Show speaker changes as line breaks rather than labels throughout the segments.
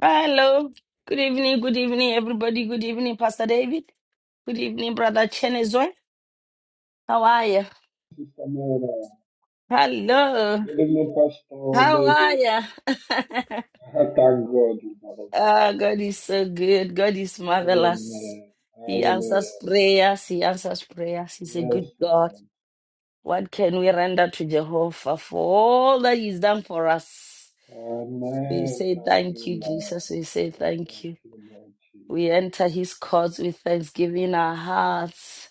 Hello. Good evening. Good evening, everybody. Good evening, Pastor David. Good evening, Brother Chenezwe. How are you?
Sister Mary,
Hello.
Pastor
How are
David.
you?
I thank God with our God.
Ah, God is so good. God is marvelous.
Amen.
He answers
Hallelujah.
prayers. He answers prayers. He's a
Yes,
good God.
Lord.
What can we render to Jehovah for all that He's done for us? We
Amen.
say
Thank
thank
you,
you,
Lord.
Jesus. We say
Oh,
thank
thank
you.
you, Lord
We
Jesus.
enter His courts with thanksgiving in our hearts.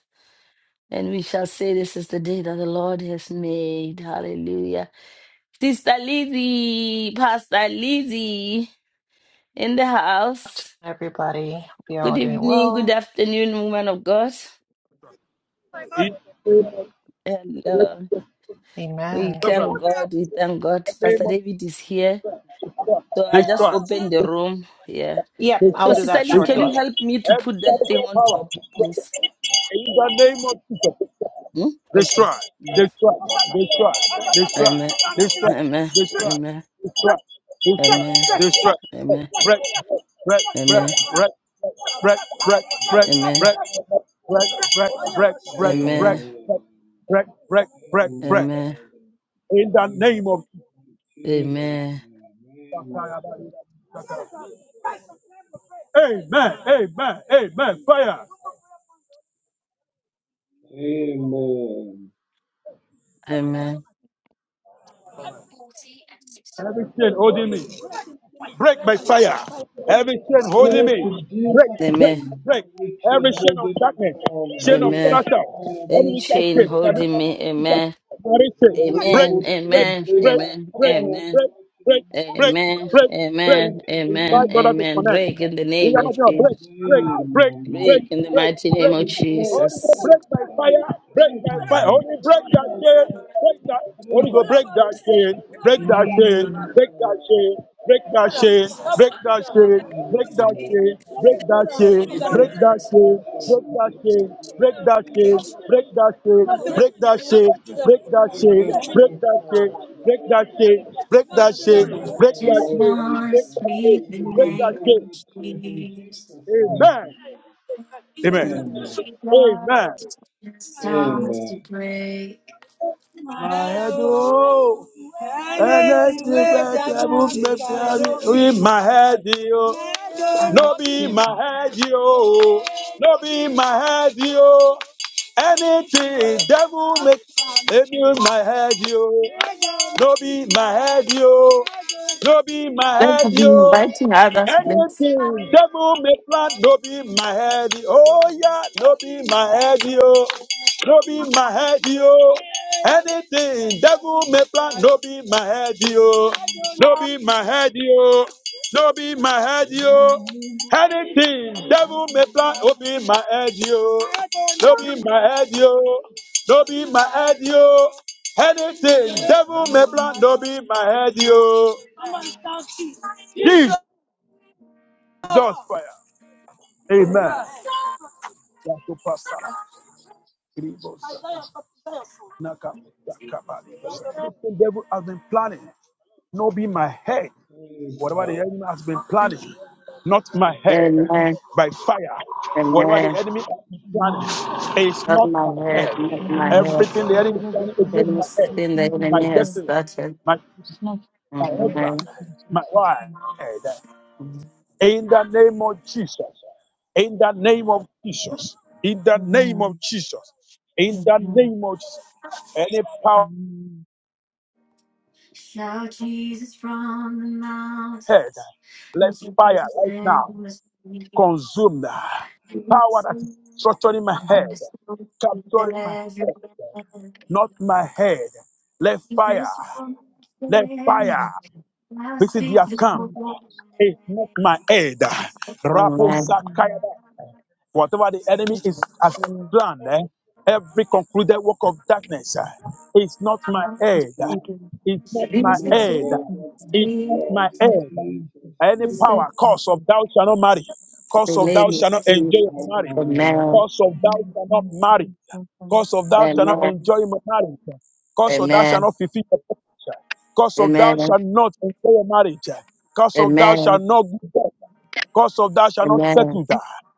And we shall say, This is the day that the Lord has made. Hallelujah. Sister Lizzie, Pastor Lizzie in the house.
Everybody, hope you're
Good
all doing
evening, good
well.
afternoon, woman of God.
He-
And uh, we
Amen.
Gabriel,
thank
in the
God, we thank God. Pastor
name of
David is here. So I just
destroy,
opened the room. Yeah.
Yep, I'll
So,
destroy,
do
Sister
that
Liz, can you
destroy.
shortly.
help me to
Every
put that thing
satanic
on
power
top, please?
in the name of Jesus.
Hmm? Okay.
Destroy,
Yeah.
destroy, destroy, destroy,
Amen.
destroy,
Amen.
destroy,
Amen.
destroy, destroy,
Amen.
destroy.
Amen.
Break, break, break,
Amen.
break, break, break, break, break,
Amen.
break, break, break, break, break,
Amen.
break
Amen.
break, break, break,
Amen,
break.
Amen.
Father.
In the
Thank you,
name
Father.
of
Jesus'
Amen.
name. Amen.
Amen, Amen, Amen. Fire,
Amen.
Amen.
Every chain holding me, break by fire. Every chain holding me,
Great in
break,
Jesus'
break,
Amen.
name,
break.
every
Every
chain
chain of
holding us
darkness,
bound,
chain of
break
Amen.
that
character,
fire in the
Any
every wicked
mighty
chain
chain,
name of
every
holding me,
Jesus.
amen.
chain,
Every
break,
Amen.
evil
break,
chain,
Amen.
break
break,
that
Amen.
break,
fire in the
Amen.
break,
mighty
break,
name of
Amen.
break, break,
Jesus.
break.
Amen.
Break in
Amen.
Invite others
Jesus'
to
Amen.
connect.
Break
name.
in the
We
name
are
of
not going to break,
Jesus.
break, break,
Amen, Lord
break,
Break in the
Jesus.
break,
mighty name of
Break,
break.
break,
Holy Ghost,
Jesus.
break,
break my
break,
fire, break
break,
my fire.
break,
Holy, break
break
that
that
chain,
fire.
break that.
Break
Holy Ghost,
that
break that
fire.
chain, break that
Break
chain,
that
break that
fire.
chain, break that chain, break that chain, break
Amen,
that
Lord.
chain, break that chain,
Holy
break
Ghost,
that
break that chaff in Jesus'
chain, break
mighty
that
name.
chain, break that chain, break that chain, break that
Break
chain,
that
break
chaff,
that chain,
Father,
break
Lord.
that chain, break that chain, break that
Break
chain,
that
break
chaff,
that
Lord
chain,
Jesus. Holy
break
Ghost,
that
break
chain,
that chaff in Jesus'
break
mighty
that chain.
name.
Amen. Amen.
Amen. Amen.
Amen.
Amen.
Mahado, ẹlẹ́tí pẹ̀tẹ́bù mẹ́fẹ́rí. my head, yo. no be my head, yo. no be my head, yo. Anything devil make, èmi my head, yo. No be my head, yo. No be my
Let us
head,
be
yo.
inviting others, please.
Anything devil may plant, no be my head. Oh yeah, no be my head, yo. No be my head, yo. Anything devil may plant, no be my head, yo. No be my head, yo. No be my head, yo. Anything devil may plant, no be my head, yo. No be my head, yo. No be my head, yo. Anything devil may plan, no be my head, yo. Jesus fire. Amen. Yakupasara, Anything devil has been planning, no be my head. Whatever the enemy has been planning, not my head,
Amen.
by fire. Whatever the
Amen.
enemy has been
Amen.
planning, it's
Not
not
my
my
head, not
head.
my
Amen.
head.
Everything the enemy is
Whatever the
planning is against
enemy
my
is,
head,
it's
Anything
not
the
my
enemy
my
has
head.
destiny,
started.
my
It's not
my
what
husband,
Amen.
is in
my
Jesus'
wife.
name.
In the name of Jesus. In the name of Jesus. In the name of
Amen.
Jesus. In the
Amen.
name of Jesus. Any power
Amen.
head, let fire right now. consumed. ah, Power that is structuring my head,
Amen.
capturing my head, not my head. Let fire, let fire
Amen.
visit their camp
So,
is not my aid. Rapo
continue. Amen.
Sakayaba. Whatever the enemy is
That's
has
a prayer.
planned, eh, every concluded work of darkness eh, is not my
It's
aid.
considered.
It's
It's
not
Lord,
my
Jesus,
my
considered a
aid.
Jesus.
head, not my
It's not
the
my
blood
It's
in
not
aid.
my
Jesus'
head.
Any
It's
name.
not
power,
my
cause of
head.
thou shalt not marry, cause of thou
name of
shalt not enjoy
Jesus.
your
Not
marriage,
my
Amen.
head,
cause of
not
thou
my
Amen.
shalt not
Amen.
blood.
Thank
marry,
you for coming
cause of
and
thou shalt
very
not
Amen.
much.
enjoy your marriage, cause of thou shalt
Amen.
not fulfill your purpose, cause of thou
Amen.
shalt not enjoy your marriage, Cause of thou
Amen.
shalt not be bought. Cause of thou shalt not
Amen.
settle.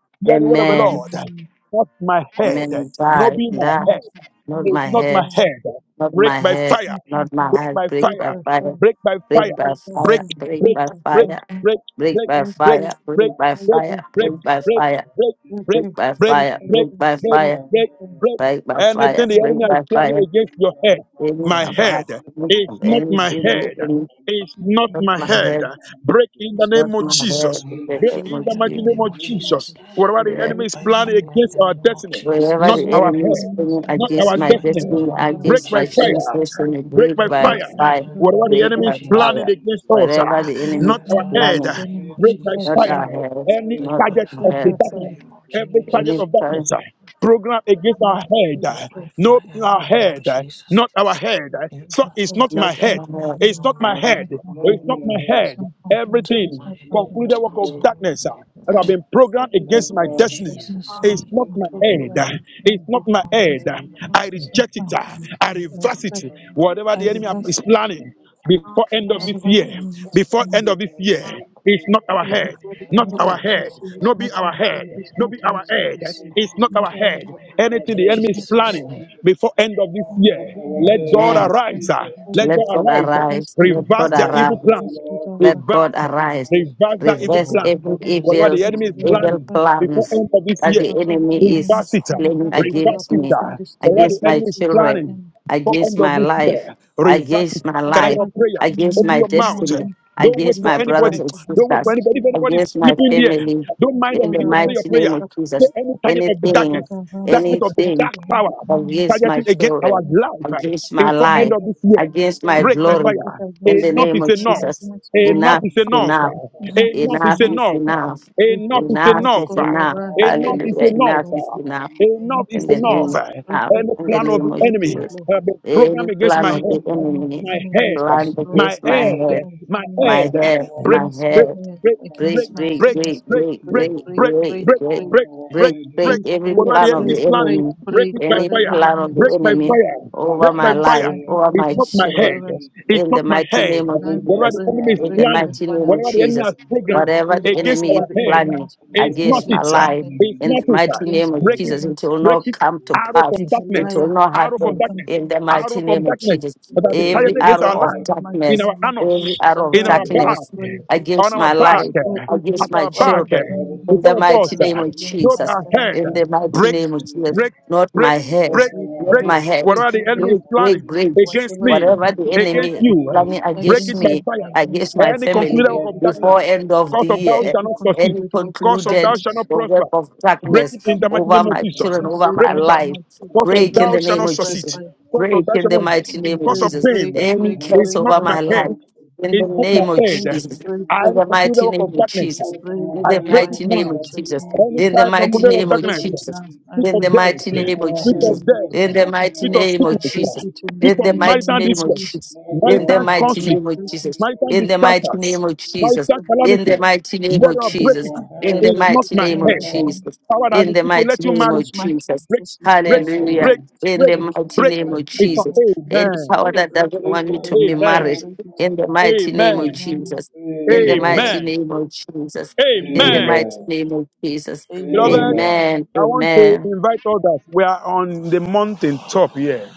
Hear the word of the
Amen.
Lord.
Amen.
Not my head,
Amen.
not
Die.
be my
Die.
head.
Not
It's
It's
not
my
my
not my
head.
head.
head.
Not
Break
my
by
head.
It's
fire.
not my
Not my
head.
Break
head.
by
Break
It's
by
fire.
not my
fire.
head.
Break by fire.
Break by
Whatever the enemy is
Break,
fire. Break
break,
by
break,
fire.
break,
Break
break,
by
break,
fire.
break,
Break by
break,
fire.
by
break,
Break by
fire
break,
fire.
in
break, break,
Jesus'
Break by
break,
mighty
fire.
name.
break,
Break by
Bring
break,
fire.
by
break,
fire,
break.
Break by
bring by
fire.
Anything the
Break
fire,
enemy is
by fire.
planning against
bring
your
by
head.
Any
fire.
My
of
head.
our
It's
Everything
not
from
any
my
the
family,
head.
enemies
any
of this
It's not
not
fire,
my
my
of
head.
this
head,
my
Break in
destiny,
the
not
name of
my
of my
head,
Jesus.
in
head,
By
Break
the name
my
in
of
the
fire in
mighty
the
Jesus.
blood.
name
name
of
of
Bring by
Jesus.
Jesus.
fire
Whatever
in the
the
Yeah.
enemy is
mighty
By
name
planning
of
fire in
against
the
our
name of
Jesus.
destiny
Wherever
not
Jesus.
the
our
enemy
Every
is
head,
place
coming
of
Break
the
not
by
against
our
my
fire
destiny.
in
enemies,
the
destiny,
name of
Break
against
by
my
Jesus.
blood.
fire,
translation,
break
break
by
Break
Bring
by
by
fire.
by
fire,
fire
fire
in the
Whatever
in the
the
name
mighty
break
of
enemy is
by
name of
Jesus.
planning
fire.
against
Jesus.
us,
Wherever
ah,
the enemy
not
By
is
Every
our
fire
place
in
head,
of
planning,
the
the
name
claiming,
of
break
break
by
enemies,
that
not
Jesus.
bring
fire,
our
fire.
by
health,
Any
fire
Break
in
not
the
by
target
our
break
of
mighty
fire
the
in
that
name of
health,
the
darkness,
fire,
name of
Jesus.
every target
any
Jesus.
of darkness,
time,
ah, program against
and
our
let it
head,
Break
ah,
by
no,
fire
in
in
our
the name of
head,
hospital,
ah,
Jesus.
not our head.
It's
ah.
You
So
got
it's
not
a
not my
not
motion,
fine
our
head.
for
not
health.
It's not
on my
my
And
head,
head.
not on my
Love
It's not
my
my
head,
head.
head.
not on
Everything,
my head,
Love my
concluded work
not
of
head.
on
darkness
my
uh, that have
head.
uh,
been programmed
Love
against my
my
In
destiny.
head in
Jesus'
It's
name,
not
Jesus'
my
not on my,
name.
head. It's not
not
my
on my
head.
Love
own,
my
I
head
reject it.
in
not
uh,
on
me.
my
I
Jesus'
own,
I
reverse
name.
in
it.
the
reject,
I
name
reject
of
Whatever
I
the
it
enemy
in the
reverse
is
it.
mighty
Jesus.
planning
name of
before
Jesus.
end of
Yes,
this
Whatever the
Lord,
year,
I
enemy is
before
cancel
planning
end of
it.
this
I
year,
reject
it's
it.
not our
not
eh,
on
head
my
before the
I
head,
not
end of it,
our
yes,
head.
it's,
reject
Lord,
it.
it's
No
not
be
I
our
our
head.
fault.
cancel
It's
it
No
not
in
be
the
our
our
mighty
head.
children's
name
yes,
fault.
of
It's
Lord,
It's
not
not
our
Jesus.
our,
not
head.
on
Love
my
my
head,
Anything
in
the
head.
enemy
it's
is
not
Not
our
Jesus'
our
planning
fault.
name.
head.
before end of this
Lord,
Not
Anything
year,
the
not
our
enemy
let
on
is
head
God
my
in
man,
head,
arise.
planning
uh,
Jesus'
not
Let
before,
on
let
God
mighty
God
my head,
arise. uh,
name.
let's
arise,
get our
let God
Reverse their
balance.
Rise,
arise.
evil
O
plan.
Let's get
Lord.
our balance.
Let God
Reverse. uh,
And
arise,
let's
Reverse that
bow
Let's
evil
reverse
go
plan.
down
down
every
the earth
mercy
Whatever
and
evil,
and
the enemy
them,
is
upon
destroy them.
Lord,
evil
in the
planning
Let's
before
mighty
plans
end
name
of
of
this
that
year,
the
whatever
Jesus.
the
enemy
enemy
reverse
is
is
it. uh,
coming,
planning
let's go down
Reverse
against
it.
earth
me,
and
uh,
destroy
Whatever
them
against
the
in
my
enemy is
Jesus'
children,
planning
name.
for
against
end of
my
this
life,
year. Reverse
against
it.
my
Can I
life,
hear a
Whatever the
prayer?
against
enemy
Open
my
is
your mouth.
coming
destiny,
against my,
Don't wait
against my
for
against my
brothers
life,
anybody.
and
against
Don't wait
my
for
sisters,
anybody. If
children,
anybody's
against my
sleeping there,
family.
don't
let's
mind them.
In
go
the
Begin
down
to pray your
earth
mighty
and
name
prayer.
of
scatter.
Say
Jesus,
any target of the
Let God
anything,
darkness,
arise
darkness
and
of the
anything
scatter
dark
all my
power,
enemies
against
in
my
targeting against
Jesus'
our
children,
name.
life uh,
against my
before
In the
Any
life,
end of
name
dark
this
of
year.
God,
against
send
my
power
that
Break
that
by
you
glory.
fire.
In
against
the
my
Enough
blessing
name
is
of
and
children,
enough.
Jesus,
against
blessing.
my
Enough
enough
is
is
Believe
life,
enough.
by
enough.
it will
fire
not
in
be
the
Enough
Enough
is
mighty
enough.
is
name
enough.
of
enough.
Jesus.
Break
Enough
it,
is
Enough
Lord.
It
enough.
is
God
shall
enough.
arise,
bow
Enough
break
in the
is
Hallelujah.
mighty
it.
Enough
name
is
enough.
of
enough.
Jesus.
Enough
Enough
In
is
the
is
enough.
name
enough.
of
And
Break
I
enough.
it,
Any
In
will
the
Lord.
plan of
render
name
the
of
the
Break it,
enemy,
Jesus.
Lord.
uh,
powerless
the
in the
Any
program
mighty
against
plan
name
my
of
of
Every
the
head,
plan
Jesus.
of the
enemy
my
enemy is
head,
planned
Every
destroyed.
my
against my
Every
power of
plan
the
head,
head,
of the
my
enemy
enemy
my
head,
become
head,
break,
my
powerless
against my
now
head
break,
by
break
head,
the
break,
break,
power
against
and
my
the
break,
break,
children's
break,
blood of
break,
faith.
break,
Break,
break, break,
break,
Jesus.
break,
break,
break,
break,
break,
break,
break,
Lord,
break,
our
break,
break,
head in the
break
break.
break,
mighty
every
break,
What are
name
the
plan
of
of
enemy
the
break,
Jesus.
planning,
break,
enemy,
break
break.
it by
any
Over the
Whatever
fire,
the
plan
plots
of the
enemy
break
of
is
the
by
enemy
planning
enemy,
fire,
break
over
break
by
by
my
against my
fire.
life,
fire in
head,
over
the
It's
my
not
mighty
against
my
my
name of
children,
head,
children's
Jesus.
faith.
it's
in the
not my
mighty
In
head.
name of
the
Break
name,
by
Whatever
Jesus,
the
break,
enemy is
in
fire
break
the
in
by
planning,
mighty
Jesus'
name
fire.
of
whatever the enemy
Jesus,
has
mighty name.
Break,
programmed
whatever
break,
the
against
enemy is
our
whatever the
head,
enemy
planning
is
Every
it's
planning
not
against
plots
my
of
it,
against
the
my
life.
head,
it's
enemy,
In
not
the
break
it.
by
mighty name
against
of
my
fire
Break
in
it,
Jesus, it
children's
will
Jesus'
break
not
lives.
it,
mighty
come to
name.
arrow
pass.
from
Is a
It
darkness,
will
liar.
not
It's
arrow
not
from
happen.
come
darkness,
to
In the
pass.
mighty
arrow from
name of
darkness
Jesus,
that have
Every
been
every
targeted
arrows
against
arrow
our
of
Father,
of
life
in the
darkness,
mighty
in
darkness,
our
name of
every
anus,
Jesus,
arrow of
in
arise,
break
our
by
back,
darkness
destroy,
fire.
on
against
our
my
back,
life
destroy
against
at
every
my
our
power
back,
of the
Every
children.
enemy
arrows
In
of
the
before
against
of
my
mighty
us,
life,
darkness,
name of
break
against
by
not
my
Jesus.
our
fire in
head.
parents'
the
In the
life,
mighty
in
mighty
name
Break,
of
name of
Jesus'
Jesus.
Jesus.
name.
break,
Not
break,
my head.
break,
Lord,
Break,
our
Not
break.
my
break,
head, have
head.
in the
break,
Whatever the
mighty
enemy
break,
is
Break,
name of
break,
break,
planning
break.
Jesus.
against
whatever the
me,
Whatever
enemy
the
is
Every
enemy
against
planning
is
person
you,
living
planning
in the
break
against
it
against
by
me,
me,
sacrifice,
against
against
fire.
my
Any
myself,
family,
live
concluded
break
work
by
it
of
fire
darkness,
before
today.
in the
end of
mighty
the
cause of
name of
thou
year,
shall
Every
not succeed,
Jesus.
any
concluded work of
cause of thou
concluded
shall
darkness,
not
the
prosper.
work of
Break
darkness
it in the mighty
One
over
name of
second.
my
And
Jesus.
I
we
children, over
said,
Break
my
thou
it
conclude
shalt
down.
that
life,
not
Cause
light
so
of
of
break
the
in
break,
thou
the
shall
name
not
break
of
angels
by
Jesus.
succeed.
that
fire,
have made
Cause
be
of
Break
thou
in the
shall not
scattered
mighty name of
cause
and
break,
of
Jesus.
pain
break,
they
Any
shall
break,
not
is
curse
break
not
over
by
stand,
my
they
my
shall
head.
fire,
life,
not come to
in the
It's not
pass
my
name
in
of
the
break,
head.
mighty
Jesus
break
name of
I
by
in the
fire.
repudiate the
mighty
Jesus.
work
name
of
of
darkness.
Jesus.
Not
break it
In
our
I
by
the
head,
break
fire
it
not
mighty
in
name
now.
of
our
Jesus'
Jesus.
name.
blood,
Any
in
In the
type of
mighty
condition
I
of
name
Jesus'
of
break
darkness,
it
mighty
Jesus.
now.
name.
I
speak
In the
of
break it
death,
mighty
now
Not
in
name
the
of
our
mighty
speak of
Jesus.
name
head,
of
not
death,
In the
our
Jesus.
mighty
speak
blood,
of
in
name
the
I
of
sickness,
break
mighty
Jesus.
it
name of
in the
speak
In
of
the
mighty
Jesus.
mighty
marital
name of
name of
distress,
Jesus.
Jesus.
Lord
In the
marital
our head,
mighty
I
not
conflict,
name of
break
our
Jesus.
it.
marital
blood,
In
in
the mighty
disasters,
name
Jesus'
of Jesus.
mighty
marital
So,
In
name.
calamity.
the mighty name
Let
of
her
Lord
break
Jesus.
it.
I
our
In the
head,
It's
break
not
not
it
mighty
in
my
name
the
our
of
head.
mighty
blood,
name.
in
Jesus.
Power that
In
is
the
to
Jesus'
mighty
let you
It's
name
mighty
marry.
not
of
my
name.
fault.
Jesus.
Break,
It's not my
break,
Lord
fault.
Hallelujah.
our
break,
I
In
break,
the
head,
break it
mighty
in
break.
the
Father,
name of
in
mighty
It's
name
not
Jesus.
of
Jesus' mighty
Any
Jesus.
amen.
name.
I
power that
break
doesn't
it.
Break
want
I
me
by
to
break
be
it. I
Amen.
fire
married,
in the
break it.
in
mighty
the
name of
mighty name of
Amen.
Jesus.
Amen.
Jesus in the mighty
Amen.
Amen.
Amen.
name of Jesus. In the
Amen.
Amen.
mighty
Amen.
name of Jesus.
Beloved,
Amen.
Amen.
Amen.
I want to
Amen.
invite others. We are on the mountain top here.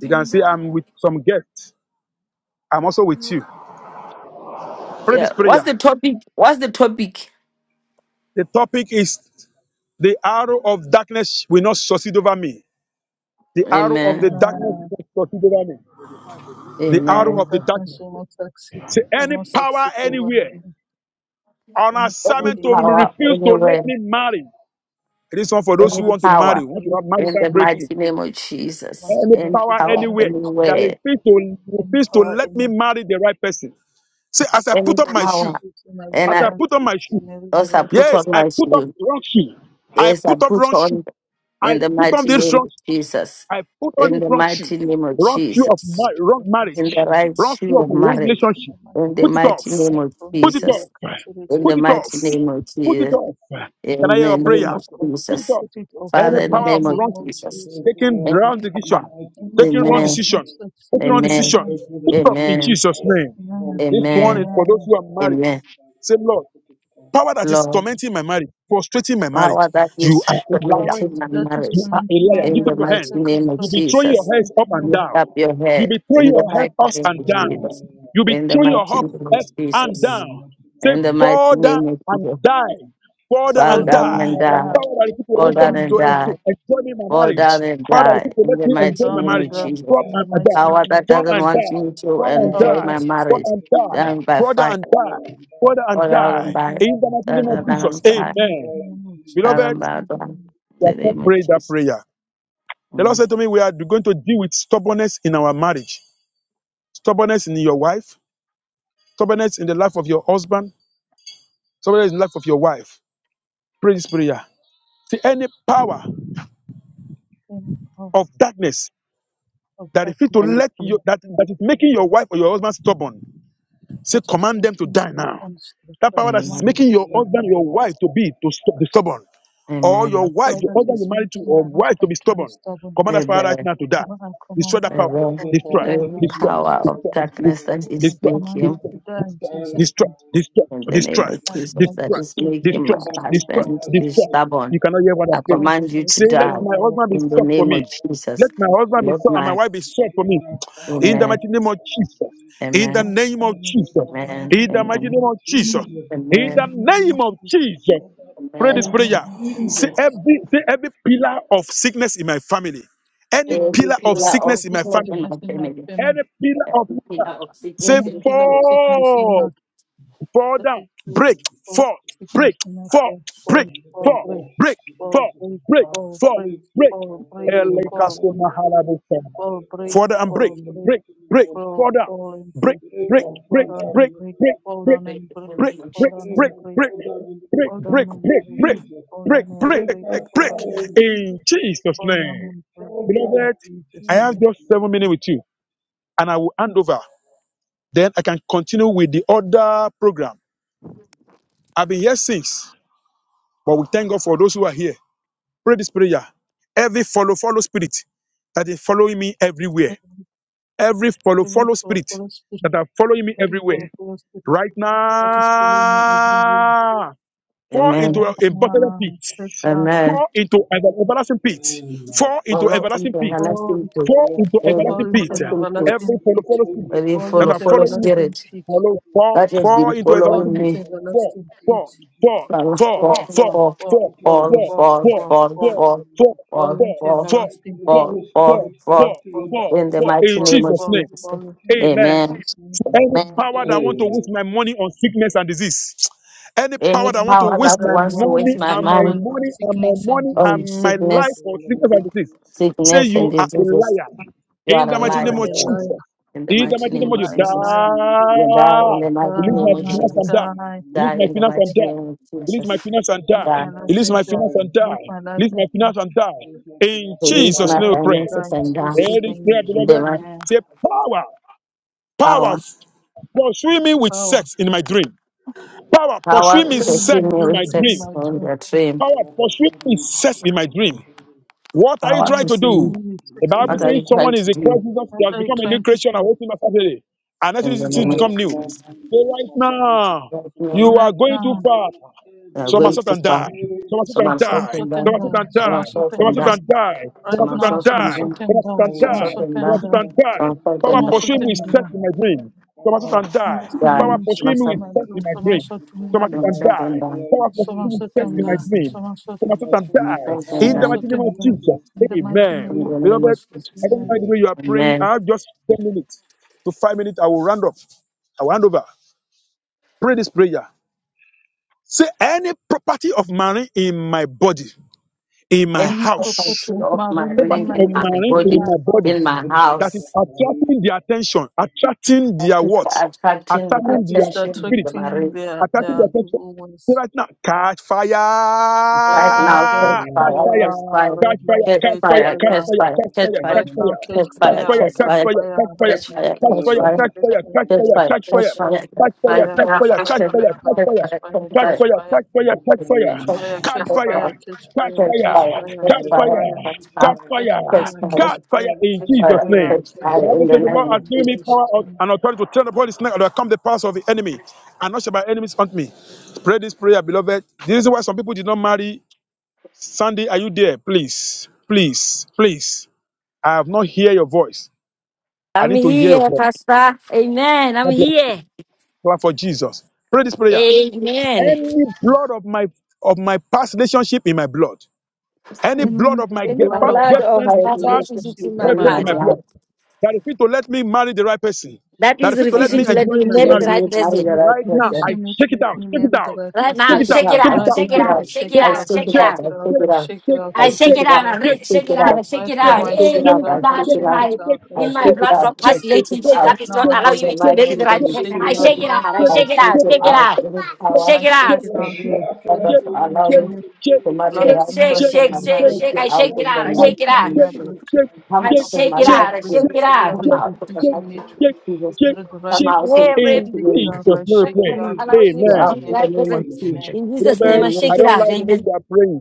You can see I'm with some guests. I'm also with you. Pray this
Yeah. What's
prayer.
the topic? What's the topic?
The topic is the arrow of darkness will not succeed over me. The arrow of
Amen.
the darkness
Amen.
Amen.
will not succeed over me. The
The arrow
arrow
of
Any
of the
darkness
darkness.
will not succeed.
See
Will
any
not
power
succeed over
anywhere
me.
on
any power
assignment to
anywhere.
power,
refuse to let
anywhere,
me marry. It is one for those
An
who
any
want to
power
marry,
assignment to
want to have
in
refuse
the
marital
native,
breakthrough.
mighty name of
my
Jesus.
any
Any
servant to
power
be
power
anywhere
married.
that
anywhere.
refuse to
Any
refuse to
power
let me
anywhere.
marry the right person. See, as I
Any
put up my
That's it,
power.
shoe,
refusing my
And
As I
I
servant
put on
to
my
to
shoe,
marry the
also
right
put on
yes,
people.
I
my
put up
shoe.
wrong shoe. I
Yes, I
put up
put
wrong shoe.
on in
I
the
put on
mighty
this
I
name
wrong.
of
shoe.
Jesus.
I put on
In
this
the
wrong shoe.
mighty name of
Wrong shoe of
Jesus.
my wrong
in
cancel
the
marriage.
it
right
in,
Wrong shoe
shoe
of
of
wrong
cancel it
marriage.
in
relationship.
the mighty
In the
Put
name.
it off.
mighty name of
Don't
Put it
use I
Jesus.
off.
cancel it
In
Put
the
in.
it off.
mighty name of
Put it
Jesus.
off. Can I
In
hear
the
a
I put
name
prayer?
it
of
off, I
Put it
Jesus.
off.
put it off in
Father,
Any
the
in the
mighty
power of
name of
We
name
wrong
of
protect
Jesus.
Jesus.
taking
every action
In
wrong
power.
decision,
in the mighty
Any
name
taking
of
wrong
power of
Amen.
not
Jesus.
decision,
succeeding
taking wrong
in my
Amen.
decision.
life.
Thank
Pick it up in
Amen.
Jesus' name.
Amen.
This one is
Amen.
for those
Amen.
who are married.
Amen.
Say, Lord, power that is
Lord,
tormenting my marriage, frustrating my marriage,
power that
you
is
are a liar.
Power
tormenting my
that is
You
marriage.
are
tormenting
a
my
liar.
In
Lift up
the
your
marriage,
hand.
mighty
that is
name of
You'll be throwing your
Jesus.
heads
frustrating
up
my
and
life.
Lift
down.
up your
You'll
head.
be throwing
In the
your head
mighty
up
name
and
of
down.
Jesus.
You'll be
In the
throwing your
mighty
hop
name of
up and
Jesus.
down. Say,
In the mighty
Father,
name of
and
Jesus.
die. Father,
Fall
Fall
and
down
down
die.
and
and
die.
die.
Father, the people
Fall
Fall
don't
down
come
down
and
to,
you.
and
en-
die.
to
die.
enjoy me
Lord,
my
Fall
I'm
marriage.
down
dying
and
Father, the
Jesus
die.
people
In
let
the
me
mighty.
Fall
mighty
enjoy my
down
name
Lord,
and
of
marriage.
die.
I'm
Jesus.
Father,
In the
dying
and and
mighty
Jesus
Power
name
that
of
die.
mighty.
Father,
doesn't
and
want
Jesus.
die.
Let
me
the
to
Father, and
power
Power
enjoy
that
die.
that
my
is
is
Father,
marriage.
and
completed in
die.
death.
my
Down
life.
by
Father,
fire.
and
Lord,
die.
I'm
Father,
Fall
and
Fall
Jesus
down
down
and
die.
and
die.
mighty.
die.
In the
name.
mighty
Down
name
Fall
of
and down
down
Lord,
Jesus.
and
in
die.
the
I'm
Amen.
mighty
dying
name of
Down
Jesus
Jesus.
Beloved,
and down.
mighty.
down.
Amen.
name.
In
we
the
have not
name of
prayed that
Jesus.
prayer. The Lord
Mm.
said to me, We are going to deal with stubbornness in our marriage, stubbornness in your wife, stubbornness in the life of your husband, stubbornness in the life of your wife. Pray this prayer. See any power
Any power
of darkness
of
that is fit to
darkness
And-
let you
Amen.
that, that is making your wife or your husband stubborn. Say,
that is
command
making
them to die
my
now.
husband stuck,
That
I
power that is
command them
Amen.
making
Let
to
your
the
die
husband,
now.
your
power,
wife to be to st-
That
be
that
stubborn, or your
that
Amen.
wife,
power
your
that
husband
is
you married to,
making my
or wife to be
husband to be
stubborn.
stubborn,
Command that power right
Amen.
now
I
to die.
command, I
Destroy
command
that power.
that
let the
power to
Destroy.
power
die
Every
now
making
in
Destroy.
me and
power
my
Jesus'
of
wife
Destroy.
name.
to be
darkness that
stable
I
and
is
Destroy.
I
command it
making
command
to
it to
die in
die
Destroy.
Jesus'
right
name.
Destroy.
now in the
Destroy.
in
Destroy.
mighty
the name
name
Destroy.
of
of
I
Jesus.
Jesus,
I
that
Destroy.
is
destroy,
I
I
making my
destroy
Destroy.
that
destroy,
Destroy.
I
power
husband to
right
be
now
destroy,
Destroy.
in the
stubborn
You
mighty
cannot
name of
I
hear what
I
I'm
Jesus.
saying.
destroy,
command you
I
to
Say, let
Any
die
destroy,
my
power
husband be
in the
sought
making me
for
and my
name
me.
of
wife to
Jesus.
Let my
be
husband be
Lord
stubborn,
sought and my
my
but
wife
I
be sought for
destroy
me.
that
In
power
the
in the
Amen.
mighty name
mighty
of
name of
Jesus.
Jesus.
and
In
the
the
Amen.
mighty
name
I
of
name of,
destroy
Jesus.
that
and the
Amen.
power
In the
name of
mighty
now in
name
Amen.
of
Jesus,
Jesus.
Jesus'
In
and
the
the
Amen.
mighty name.
name
name of
of
I
Jesus,
Jesus.
destroy that
Pray
and
this
Amen.
the
power
name
in
prayer.
of
Say
Jesus'
Jesus.
every,
mighty
say
name.
every pillar of sickness in my family. Any
Every
Every
pillar of
pillar
pillar
of,
of
of
sickness in my
sickness in
family.
sickness
my
in my
family.
family,
Any pillar of
Every pillar
sickness.
of
Say
sickness
any
in
pillar of
my
sickness in
fall
my,
fall
the,
down,
the,
break,
And
or
fall,
sickness
break,
in my
fall,
fall,
break,
fall,
the
fall,
fall,
break,
power of
break,
fall,
sickness
fall,
of my
break,
break,
family.
fall,
fall,
break,
Break
break.
fall,
and
break,
fall in
fall,
Elekasu
Jesus'
break,
mighty name.
mahalabu
fall,
Break and
Fall down,
fall
break,
in the
break,
break,
mighty name
break,
fall, break,
of
fall,
fall down,
Jesus.
fall,
break,
Break
break,
and
fall
break,
fall
down
down
and
break,
in the
break,
break,
mighty name
fall
of
break,
down and break,
Jesus.
family.
break,
fall
break,
down
Break
and
break,
and
break,
fall down in the
break,
fall
mighty
break, break,
down
break,
name of
and break,
break.
Jesus.
fall down
Break,
and
break,
Break
break,
by
break,
fall down
break.
fire
and
in
break,
In
Jesus' mighty
Jesus'
fall
name.
down
name.
and break,
Fall down
in
Beloved,
in
Jesus'
I have
name.
Jesus'
just seven
name.
minutes with you and I will hand over. Then I can continue with the other program. I've been here since. But we thank God for those who are here. Pray this prayer. Every follow, follow spirit that is following me
I
everywhere.
am
Every follow,
Every
follow
flow of
spirit
Holy Spirit,
that are following me
every flow of
everywhere.
Holy Spirit
Right
that is following me everywhere,
now fall
Amen.
into a,
right
a bottomless pit,
now, press fast,
Amen.
fall into an everlasting pit,
Amen.
fall
Oh
into
Lord, from
everlasting
the
pit,
Everything
fall,
everlasting
it
truth.
fall
full of
into
peace,
Every
fall
everlasting
into
pit.
an
everything
everlasting
full of
truth.
everlasting
Every
spirit,
follow,
pit,
follow spirit
every
Every
fall
trap,
that
follow
are
into
every
follow
following me,
lie
everlasting
spirit
pit,
that I
follow,
do,
fall,
that has
fall,
fall
been
into
fall
fall
everlasting
following
into
pit,
into
me
fall,
everlasting
everlasting pit,
peace
fall,
in
fall,
Jesus'
fall,
mighty
fall,
fall,
name.
fall,
fall,
fall,
fall,
fall,
fall,
Lord, to
fall,
your
fall,
fall,
fall,
fall,
fall,
destruction
fall,
in the
fall,
fall,
fall,
mighty
fall,
name
fall, fall,
of
fall
fall,
Jesus.
fall,
into
fall,
fall,
You for
everlasting
your
peace.
fall,
fall,
Holy
fall,
fall,
Fall,
Spirit,
fall.
come
fall,
to
fall,
your
fall,
In the
fall.
destruction
mighty
In
in
fall,
the
name of
Jesus'
mighty
fall,
name.
Jesus.
name
fall
of
into in
Jesus.
Amen.
Amen.
Jesus' name.
So Any
Amen.
Amen.
power that want to waste
Amen.
my money on sickness and disease. Any power
Any
that
Any
want to
power
power
waste
that
that
my
wants to
want to
money
waste my
use
and
my
my
mind
money on
money and my
sickness and
money
on
and
disease,
my life
sickness,
Therefore,
on
allow
sickness and
me to
disease.
use your mind
Say
sickness and
you are a
diseases,
liar.
you
In
are a
the
your
you
mighty
are
name
liar.
of
a
desire,
liar.
Jesus.
In the
In the
mighty
mighty name
name
You
of
of
are
Jesus.
a
Jesus.
liar.
You die in the
Die.
mighty
Release my
name
guide
of
Die,
by
finance and
Jesus.
die.
fire in
die.
the
Release
Die
mighty
my
in the
name
finance
of
and
Yes,
mighty name
die.
of
Jesus.
Release my
Jesus.
finance and
Reduce my
live
die.
my
Die.
life
collapse
Release
and
my
and
die.
finance
die in
and
Live
die.
Jesus'
my life
Release
mighty
my
and
name.
die.
finance and die.
Reduce my
In
collapse and
Live
Release
my
die
Jesus'
my
in
name we
the
life
pray.
and
mighty
die
finances
in
name
and
of
die.
Jesus'
Pray this
Jesus.
name.
prayer,
In
we pray.
the
beloved.
mighty
Amen.
Say power.
power.
Power, pursue me with
Power,
sex in my dream. Power, pursue
Power is
me
even
sex
exceeding
me is
in
with
my
fixing
sex
dream.
my
on
dream.
their dream.
Power,
Oh, for
pursue me
human
sex
sex
in my
in my
dream.
dreams.
What are you
Power
trying
Oh,
to
to
sing.
do?
even me is
The
fixing
Bible
What
my
are
able
you
says
dream.
power
someone
trying to
is
for
a
do
Christ Jesus,
shooting
What
he has
are you
such
become a
of
new
trying
my
to
creation and
do
dream.
waiting for Saturday. And that's
in the
it is
moment?
become
Yes,
new.
Lord
Right
So
Jesus,
right
my body is the
now,
temple of
you
now,
the
are
right
going
Lord.
now?
too
I will
far.
not have
they are
you
Some are
going
in
set
the
too
and die.
far.
spirit.
Some are set
Some are
and
And
die.
stopping
my
them.
Some are set
body
Somasotenda,
and
the
Some are
die. Some are
stopping
temple
set
Somasotenda,
that.
of
and
the
die.
Lord.
Some
right
are
Some
set
are
now,
and
stopping
die.
them.
Catch
Some are set
Somasotenda,
and
Some are
fire
die.
and be
stopping
Some are
that.
set
Somasotenda,
and
destroyed in the
die.
Some are
mighty
stopping
Power
name
that.
of
pursuing me is set
Somasotenda.
in
Jesus.
my dream. Some are set
Oh,
and
I
die.
was
Die.
continue
Power
feeling
with
Some
sex
are
pursuing
insects
me
in
in
is
my
stopping
my
set
room,
in
dream.
my dream.
Be
Somasotenda,
Some
my
are set
consumed
them.
and
by
dream.
Some are stopping
die.
that.
fire in
Power pursuing me is
Jesus'
set in
Some
my
are
mighty
Somasotenda,
stopping
name.
dream.
Somasot,
Some
So
are set
my
and
soul
die.
can
In the
them.
die
mighty
in
name of
Somasotenda,
Jesus.
Jesus'
in the mighty
mighty
Amen.
In
name of
the
name.
name of
Beloved,
Jesus,
Jesus.
I don't
amen.
mind the way
Amen.
you are praying.
Amen.
I have just 10 minutes to 5 minutes. I will round up. I will hand over. Pray this prayer. Say any property of marine in my body, in my
Any
Any
house,
property
prophecy
of
of my
marine in
reign
property
my
of
in my
body,
marine
in
body,
in
my
my body
in
house,
But
my
lifted
that
up
is
house.
your mighty
attracting
name,
their attention, attracting their
Thank you for
what?
attracting the
that
Attracting their
is
attention of the
spirit,
attracting
marine.
their,
attracting
their
their attention.
evil
Say
ways.
right now, catch fire,
Right
Right
God,
now,
now,
Father,
catch
catch
catch
Lord
fire,
fire.
Jesus,
fire,
pray
right
Catch
to
fire,
now,
catch
me.
catch
catch
fire,
fire,
catch
fire,
catch
fire,
fire,
catch
God,
catch
fire,
Father,
fire,
in
Right
catch
the
now,
mighty
fire,
catch
catch
name of
catch
fire,
fire,
fire,
catch
catch
catch
fire,
Jesus.
fire,
fire,
catch fire,
right
catch
God,
now,
fire,
catch
catch
catch
Father, in
fire,
fire,
catch
fire,
Jesus'
fire,
catch
catch fire, catch
fire,
mighty
fire,
catch
name.
catch fire, catch
catch
fire,
fire,
fire, catch
catch
catch fire, catch fire, catch fire, catch fire, catch fire, catch fire, catch
fire, catch
fire, catch
fire, catch
fire,
fire,
right
catch
now,
fire,
catch fire,
catch fire, catch
catch fire,
fire,
God,
catch
Father,
fire,
in
catch
the
fire,
mighty
catch
catch
name
fire, catch
of
fire.
fire,
Jesus.
catch
Catch
fire,
fire,
catch
God,
fire,
catch fire,
Father, God,
catch fire, catch
Father,
catch fire, catch
fire,
fire,
God,
fire,
catch
catch
Father,
fire.
fire,
In
God,
catch
Jesus
fire,
Father,
fire,
name,
in
catch
the
fire
catch
in
Bible
Jesus'
the
says the
mighty
Lord
name of
has
in
given me
name.
Jesus.
power
Jesus' name.
and authority to turn away the snake, to overcome the powers of the enemy, and not that my enemies hunt me. Pray this prayer, beloved. This is why some people did not marry. Sandy, are you there? Please, please, please. I have not hear your voice. I
I'm
need to hear your
here,
voice.
Pastor. Amen. I'm
God bless you.
here.
Clap for Jesus. Pray this prayer.
Amen.
Any blood of my of my past relationship in my blood.
Any
Any
blood of my
blood of
past
past relationships
relationship
in
in
my
my
blood.
blood
That is
that
refusing to
is
let me marry
refusing
the
me
Let's
right
move out of the
person.
to
right person.
refusing me to let me marry the right
Right
person.
now,
Take it
shake it
out. I
out,
Uh,
Right
shake
take
it
now,
it
Father, I
I
out,
out.
shake
shake
it
separate
I
it out,
out,
I
take
shake
myself
it
it
shake
from
out.
out.
it
I
out,
take
my
I
it out.
shake it out,
I
I
I
shake
take
Jerusalem.
it
shake
it
it
out,
out,
out.
I
I
re-
take
shake it
it
out,
out.
I shake
Right
it
blood
I
now
out.
I
of
take it
shake it
Any
out.
out,
I
I
blood
everlasting
take it
in
shake
out.
it
system
my
in
out,
my
I
in
I
blood
my
shake
take
of
it
it
blood
out.
from
out. I
past
take it
Jesus
relationships
to
that
out.
Right
is
this
not
now I
In
morning.
allowing
the
me
shake
to
it
marry
mighty
out,
the
I
name
I
right
of
seek
person.
shake
I
you
it out.
out
shake
Jesus,
it out,
right
Right
I
now
now
I
I
shake
by
it
the
shake
out,
take it
it
blood
shake it
of
out,
out.
out,
Any
Jesus.
power
I
shake it
I
shake
out.
it
in
flush
out.
you
me
out
that
Any
right
does
now
not
by
any
the
allow me
any
blood of
to marry
Jesus.
the
blood
Shake,
right
in
shake,
my
I
person,
shake,
I
in
seek you
shake,
my
shake,
take
out,
shake.
it
I
I
out
in-
shake it
flush
in the
you
out, I
shake,
out
any
mighty
shake
in
it out.
in
name
my
shake,
of Jesus.
blood
Jesus'
shake,
mighty
Come
I
shake,
out
name.
of
of
shake
my
it
shake,
old
life.
out,
By
I
the
Come
shake it
relationship
out.
blessed
that is
blood of
out of the
shake,
refusing
mighty
me
name
Jesus,
to
of
I
shake,
Jesus.
seek
shake,
you
miracle
out, I
right
Come
shake.
out in
person.
flush
the
you
I
In
Every
mighty
out
shake
name
it
of
Jesus'
out,
Jesus.
I
in
name, we
shake it
pray.
out in
Jesus'
allowing me
you
to make
Amen.
Jesus'
out
name.
in
name.
the
we
life
name
pray.
of
present.
Amen.
Amen.
Jesus.
In Jesus'
Brother,
name, I
I
shake
Amen.
it
don't
out.
like the way
Amen.
you are praying.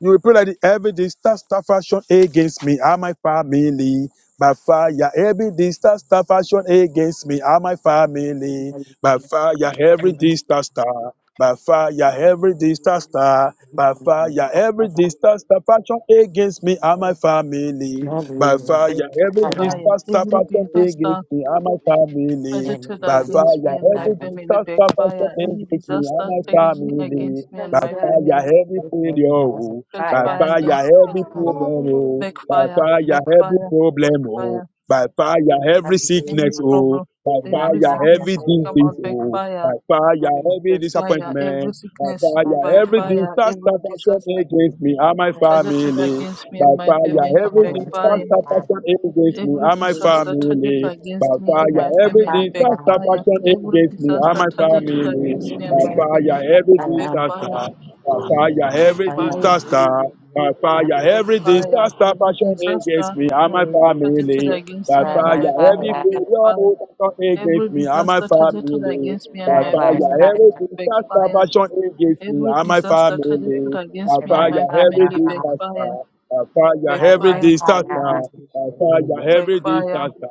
You will pray like the every distance that fashion against me and my family by fire. Every distance that fashion against me and my family by fire.
I
Every distance star by fire. Every distance star by fire. Every distance
Amen.
that fashion against me
Thank
and my family by fire. Every
Fire.
distance that
Every
fashion
disaster
against me and my family
projected
by
against
fire.
me and my
Every distance
family
that fashion
backfire. Any
against me and
disaster
my
targeting
family
against me and my
fire,
family
every failure, oh.
catch
By
fire and
fire,
die. Catch
every
fire.
problem, oh. By
Backfire,
fire, every
backfire,
problem, oh.
backfire.
By fire, every
Any
sickness, oh.
problem,
By
By
every
fire,
fire, every
sickness come
disease,
out
oh.
backfire,
By fire, every
backfire. Every
disappointment. By
sickness
fire, every
backfire.
disaster
Every
passion
disaster
against me and my
targeted
family.
against me
By
and my family
fire, every
backfire.
disaster passion against me
Every
and my
disaster targeted
family. By
against me
fire,
and my
every
family
disaster
you.
backfire.
passion
Every
against me
Thank
and
disaster
my
targeted
family.
against me and
By
my family
fire, every
am,
Backfire,
disaster. By fire, every
I
backfire,
am,
disaster. By fire,
backfire.
every disaster
Every
passion
disaster
against me and
uh,
my
targeted
family.
against
By
me and
fire,
by
my
every
family,
fire,
backfire.
failure passion
bye
Every
against me and my
disaster targeted
family.
against me and
By
bye
my
bye
fire,
family,
bye
dis-
every
make
disaster passion against me
Every
and my
disaster targeted
family. By
against
bye bye
me and
bye
my
fire,
bye
family,
every
bye
backfire,
disaster uh, fire
bye
every
by
backfire,
disaster,
fire.
uh, fire every
backfire,
disaster,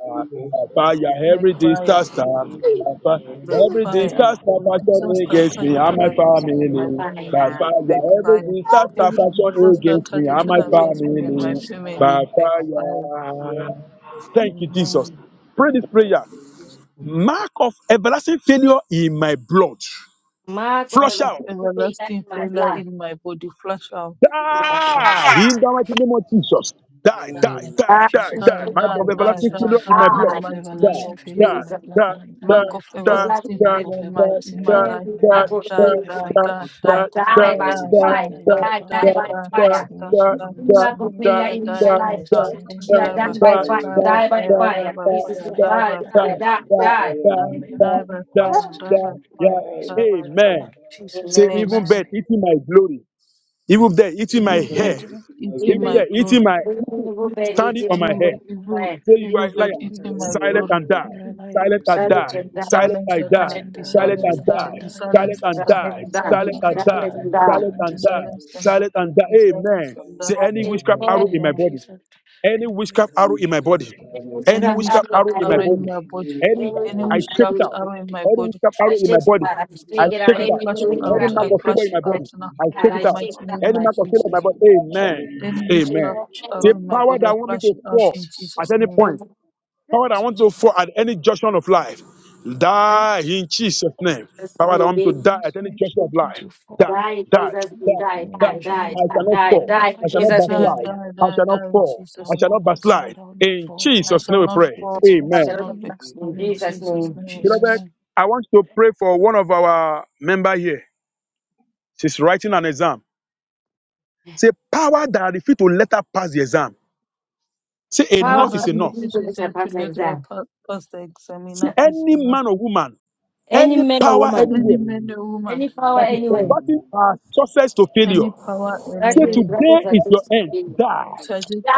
uh, fire every
backfire, backfire.
disaster, uh, fire every
you.
disaster
Every
fashion
disaster
against
Jesus, mighty
me
targeted
and my
name,
against me
die
and
by
my
family.
fire,
family,
in
By
backfire.
fire every disaster
Every
fashion
disaster
against me and
targeted
my
against me and my
family. By
family, backfire.
fire. Thank you, Jesus.
Amen.
Pray this
Thank
prayer.
you, Jesus.
Mark of everlasting failure in my blood.
Mark of
Mark
Flush
the
of
out.
in
everlasting
my
failure
blood.
in my body. Flash out.
me. Die in the name of
That's the
Die,
Jesus, die
thing
in the
of
die,
name of
die,
Jesus.
the
die, die in
Mark
the
God.
of
mighty
mighty name
Thank
everlasting
of
you,
failure
Jesus.
in my
Jesus.
bloodline, die
Mark
by
of
fire.
It's like
everlasting
Mark
my
of
failure in my in
everlasting
my
Man,
failure
life.
in my
Die,
my God,
marriage, die
die,
by
die,
fire.
die,
I
die,
Mark of
die by
die,
everlasting
die,
fire.
failure in
die,
my
I
die,
family,
die by
die,
father's
die,
fire.
die,
lineage, and
die.
my mother's
My God,
name
lineage, O
of
Die,
God,
in
die, die,
my
Jesus.
that
life.
die,
is
die,
tormenting
You
me,
are
die by
done
Thereby
tormenting
by
my
fire,
fire.
sister,
die
following
die
by
Die by
Jesus
fire, die
fire.
made
by
to
by
Jesus,
me,
fire,
die,
fire,
die by
die by fire, die
die,
by fire,
fire,
die.
thereby
die.
die by
following the
die,
fire
mighty
in
die
the
by
name
name
of
of
fire,
Jesus.
die by
Jesus,
You
fire,
die,
raise me
die
with
by
the
die,
fire.
blood of
die,
Jesus,
Amen.
in
Jesus'
Amen.
name.
Jesus' name.
You
Even if they're eating
forget
my
Evil
my
dead,
hair,
Everybody
glory,
taking my
even
eating
if
Even
my
they're
glory,
glory.
eating my,
you
evil bed
standing
eating
on my
forget
evil,
head.
my glory.
evil,
fire.
Say you are
evil
a liar.
bed
even
eating
Talents
my
Silent
glory.
and
everybody
die.
Be
Silent
putting in
and
That is
my
die.
the
and
head,
die,
down.
Silent
silenced
and
and
die.
talents
die.
That
and
so
Be
die,
that
Silent
I'll
silenced,
and
silence
die.
die,
and
Be
die.
die,
Jesus'
Silent
silenced and
and
mighty
die.
is
die.
Be
name.
sometimes
down.
Silent
silenced and
and
talents
That
die.
and
die.
is
die,
Silence and
down.
Silent
talents
die,
Be
and
and
die.
die, talents
silenced
Jesus'
and die.
Silent
mighty
and die.
Be
name.
silenced
Amen.
and die.
Say
Silence and
any
and die.
witchcraft
In the
die,
arrow
Amen.
in
name
my
of
Amen.
body.
Jesus,
amen.
and the
Any
name
witchcraft
Every
of
arrow in my
my
body,
witchcraft
body,
out of
and
my
the
any
Any
name which
body,
witchcraft
comes
arrow
witchcraft
out
I
in
of
arrow
my
my
in
body,
my
body,
every
body,
any
in the
witchcraft
name
will
which
any
out
I
comes
of my
shake it
out
witchcraft
of
out.
not
my
body.
arrow in my
body.
Any
body,
witchcraft
Shall
I
arrow in
get
my
shake
up,
it
Recipe
body,
out. I
I
shake
shall
I,
it
get
out.
shake
I
it
Scott
out.
Any
flash you
up.
new
Island, my
out.
Any
draft
boy.
mark
I
in
of
I
flash
favor in
you
Recipe
my
out
body,
shake
now.
Island,
I
it out.
shake
In
I
it
the
out.
shake
mighty
it out.
name
Any
of
I Like,
mark of favor in my
Jesus.
body,
Scott
Amen,
Island,
Any
my
Amen.
witchcraft
Die,
arrow
The
in my
power
body, I
that want me
flash
to
you out
fall
in
Jesus,
at
Jesus'
any
name.
point. Power that want to fall at any junction of life, die in Jesus' name. Power that want me
it
to die
makes
at any
me it
junction of
wants me
life,
to
die,
fall.
die,
Jesus, name.
My
die,
die,
image
die.
die,
on show of
die,
I
my
die,
shall not
life,
die,
die
fall.
by
die, in
I
fire,
shall
Die,
not
Jesus'
die by
die,
name.
fire,
backslide.
die,
die
I
by
die,
shall
fire.
not
die in
fall. I
All
Jesus'
shall
name.
my
not
thoughts,
backslide.
Lord, all my
In
fall, all
I
my
Jesus' name
being
shall
we
not
involved
pray.
with
fall, I
I
shall
Amen.
shall
not
open
be
my
pain
mouth
exiled
In
in
Jesus'
in the
Jesus'
name
name.
of
name.
Beloved,
Jesus.
Amen.
I want to pray for one of our member here. She's writing an exam. Say, power that refuse to let her pass the exam. Say,
However,
Power
enough is
that
of the
enough.
which
people
she
which I
said to
pass
let
like
her
that.
pa- pass the exam,
See,
enough is
any
enough.
man or woman,
Any
any
man or
power
woman,
Any
anywhere
man or woman,
any power
that is
anywhere,
converting our success to failure.
any power,
that
Say
is
anyway,
today
that
is
is
your end.
success.
Die.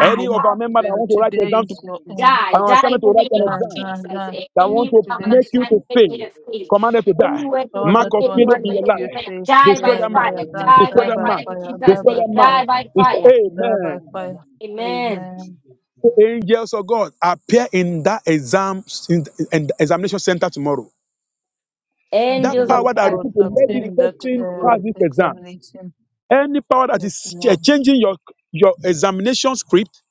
Any
her
of our members that
well,
want to write
today
exam to
is your end.
Die, die
an
in the
assignment to write
name
an
Die,
of
exam
die,
Jesus.
die.
that want
Jesus-
Anyone
to
Today
that
make
is
is
your
you
trying to
to
end.
make me a
fail,
thief,
commanded to
any
die.
weapon
Power
Mark
that
from
of
want
failure
to
anyone,
in your
make
Thank
you
life.
you.
anywhere,
fail.
die
Destroy
by
Yeah,
that mark.
fire,
liar,
There's
die,
no
die
Destroy
die
by
that
power
by
fire
mark.
that
in
to
fire,
be
die
Jesus'
Destroy
by
that
name,
mark.
die
fire,
defeated,
by
and the
Destroy.
fire.
death power
die by
Amen.
for the
fire.
one God in
Amen.
Amen.
Jesus' name.
The angels of God appear in that exam in, in the examination center tomorrow. That
And
Angels
Angel
this
of
of
power
God,
is
that
die
God,
the
will
Lord
let
appear
this
that
in
in that
created
person
me
uh,
to
pass
come
this exam
to us.
examination.
Any power that
uh,
is ch- eh,
tomorrow.
changing your, your examination script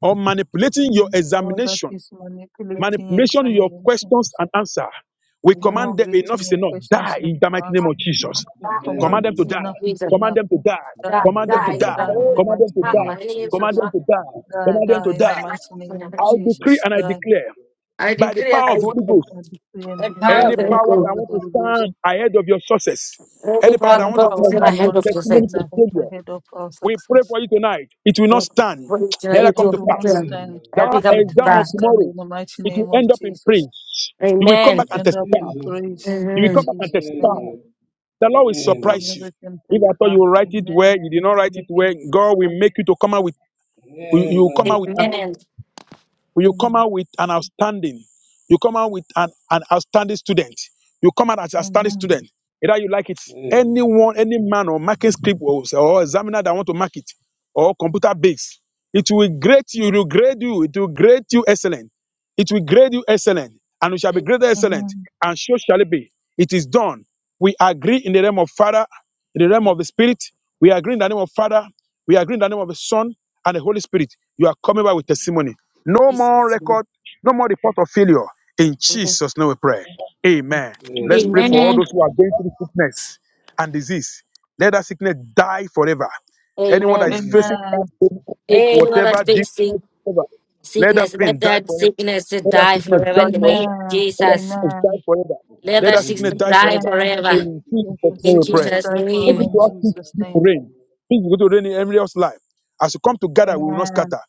or manipulating your
Any power that
examination,
is manipulating
manipulation your questions
examinations,
and answer, we command them enough
manipulating
is
your
enough. Die
questions
in
and
the mighty
answers,
name of
we
Jesus.
we
the
Command
command
them to
Amen.
name
die.
of
enough is
Jesus.
Command
enough.
them to die.
We
Die,
Die, die,
don't
Command them
die,
to
die. Any
die.
follow
die in
power,
the
Command them
mighty
to
manifesting
name
die.
of
this
any-
Command
Jesus.
them
nonsense
to
of
die.
fire, the
Die,
Command them
die
to
in the
Bible
die.
mighty
prior
name
to
of
I
making them
decree
Jesus.
on
and I
Die.
declare
Jesus.
I
by the
decree and
power
I
of the
This
Holy
declare
is
Ghost,
I decree and
the power
declare
of
any
the
by
Holy
the
power
power
Ghost.
that
of the
want to
Holy Ghost,
stand ahead of your success, any
Any
power
power
that
that
any
want to
is
power
in my
that
convert your
hand
want
of
to
the sex.
testimony
stand
to
ahe-
failure,
ahead of our
we pray
success,
for you tonight. It will not
Oh,
stand.
Every
Neither
it
come to
will not
pass.
stand.
Amen.
That
coming
It will
exam of
not
back.
stand
tomorrow,
in the mighty
it will
name of
end up in
Jesus.
praise. You will come
Amen.
We
back
In
and
end up
testify.
in
Jesus'
praise
name.
You will
in
come
Mhm.
back and
Jesus'
testify.
name.
Amen.
The Lord will
Come
Amen.
to
surprise you.
the
If I thought
testify.
you will write it
Amen.
well.
Amen.
you
You
did not
come
write
to
it
the
well. God
testify.
will make you to come out with you, you will come
Amen,
out with
Amen.
Father.
you come
Amen.
out with an outstanding you come out with an, an outstanding student you come out as an outstanding
Amen.
student either you like it
Amen.
anyone any man or marking script or, or examiner that want to mark it or computer based it will grade you it will grade you it will grade you excellent it will grade you excellent, and you shall be greater excellent,
Amen.
and so shall it be. It is done. We agree in the realm of Father, in the realm of the Spirit. We agree in the name of Father. We agree in the name of the Son and the Holy Spirit. You are coming back with testimony. No more
Jesus.
record, no more report of failure. In Jesus' name we pray. Amen. Let's pray
Amen.
for
Amen.
all
Amen.
those who are going through sickness and disease. Let that sickness die forever. Anyone that is
Amen.
Ee,
facing that
Amen.
pain,
Anyone that's
whatever, disease,
facing
whatever, let that
sickness,
pain
let
die
that
forever
sickness
let that
die
sickness
forever in
die
the name of
forever.
Amen.
Let that
Jesus.
sickness die
Amen.
forever.
o
Let
Let
that
that
adamların
sickness
sickness
die
die
forever.
meslekini
Amen. Let
forever
sevdiler,
In Jesus'
death
name
and
sürekli ne
in
we
sickness
pray.
Jesus'
die
bildikleri
This
forever
name.
is
in
what
daha
peace
Jesus'
is
sonra
to
name.
reign.
yani,
Peace is going to reign in every else life. As we come together, we will not
Amen.
scatter.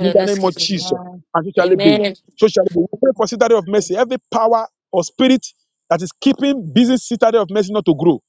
In the
no,
name of
excuse
and
me.
Jesus,
Amen.
and so shall it be.
Amen.
So shall it be. We pray for citadel of mercy. Every power or spirit that is keeping busy citadel of mercy not to grow.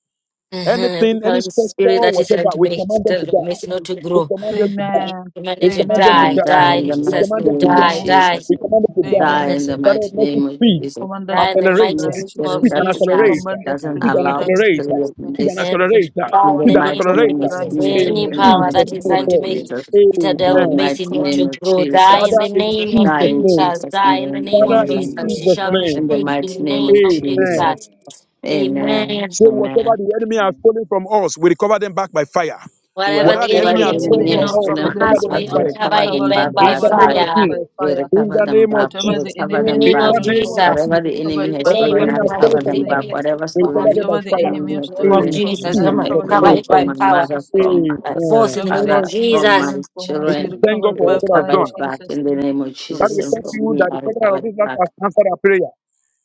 Mhm. Every
Anything, any
time
specter,
spirit that is trying
whatever,
to
we
make
command them to
instead of me
die.
not to
We
grow.
command them to die.
You
Amen.
We
commanded to
command them
and
to
um,
Amen.
die,
die.
die
die
in
in
the
We
mighty
Jesus'
command
name,
them to
name
one
of
die,
die.
Amen.
die.
thing
Jesus.
We
that
command them to
Father
die.
Die
of
Amen.
in the
Father,
Jesus
of
mighty
Lord,
name
mercy,
of
speed,
We
Jesus.
command that
Die in
spirit
the
to
accelerate,
mighty
Any
die in
name
spirit
speed
of
Jesus'
that
and
name. We
accelerate,
Jesus.
command that
doesn't
spirit
bringing
speed
to
and
the
die
allow
And
in
accelerate,
spirit
Jesus'
of
name.
speed and
this
accelerate,
We
die
in
in
the
command
speed
the
and
that
mighty
name
spirit
of
accelerate.
to
name of
die
Jesus.
in Jesus'
Jesus,
Any
In
name. In
in
the
the
reconciliation
power
mighty
Jesus'
mighty
in
that is
name
name, we
name
of
trying
of
to
pray.
make
Jesus
Jesus,
Jesus.
mighty
citadel
in the
of
name.
Amen.
We
mercy
mighty
not
command
name
to
us
of
still
grow,
to
die
die
in
in
Jesus.
Father,
the
in
name
Jesus'
of
name.
Die
Jesus'
in
Jesus.
name.
Jesus'
Die in the
name,
We
name
Father,
of
command us
in
amen.
Jesus.
still
She
to
Amen.
Jesus'
shall
die
be
in the
In the
name.
shaken
mighty
in
mighty
the
name of
name
name
of
of
Jesus.
Amen.
Jesus.
Jesus.
Amen.
Amen.
Amen.
Amen.
Say, whatever
Amen.
the enemy has stolen from us, we recover them back by fire.
Whatever
Wherever
Whatever
the
the enemy
Whatever
the
enemy
And
the
has
has
stolen
enemy
taken
from
enemy
has
whatever
has
off
us,
happens
from
we
stolen
to
stolen
from
recover
us,
the
them by
us,
from
we
we
us,
fire.
promotions,
we
recover
recover
the
it
them
cover,
back
wedding
back
we
by
In
by
the
cover it
name
by,
of
fire.
fire.
by
Jesus.
that
We
fire.
In
recover
the
them
name of
back. We
Whatever the
Jesus.
recover
In
enemy
the
has
them
name
In
back.
of
the
stolen
name
from
of
Father.
us,
Jesus.
Whatever
we
Jesus.
the
recover
In
enemy
it
the
has
by
Whatever the
name
fire
stolen,
of
enemy
I
in
has
Jesus.
stolen
recover
Lord,
Jesus'
from
them
in the
name.
us,
back.
even
name
your
Whatever
we recover
stolen,
them
condition
by
Whatever the
the
fire.
covered
enemy
and
enemy
has
has
met by
of
stolen
In
stolen
from
fire
me,
Jesus.
in
I
the
Come
from
on.
my
mighty
recover
Jesus'
it
Cover
by
name. we
name
family,
it
of
fire
by
from
pray.
my
in
power.
mother,
Jesus'
Jesus.
name.
from my
By force
Amen.
in the
Whatever
name
the
of
father,
enemy has
from
Jesus.
my
stolen from
And
us, we
children,
we thank
recover
God
it
Amen.
for
we
all
by
God has
fire
recover
in
done.
it back
Jesus'
in the
name.
name of
Lord
That
Jesus.
we
And
thank
Jesus.
from
you
me,
that the
I
Father
recover
of this
it
life has
back.
answered our prayer.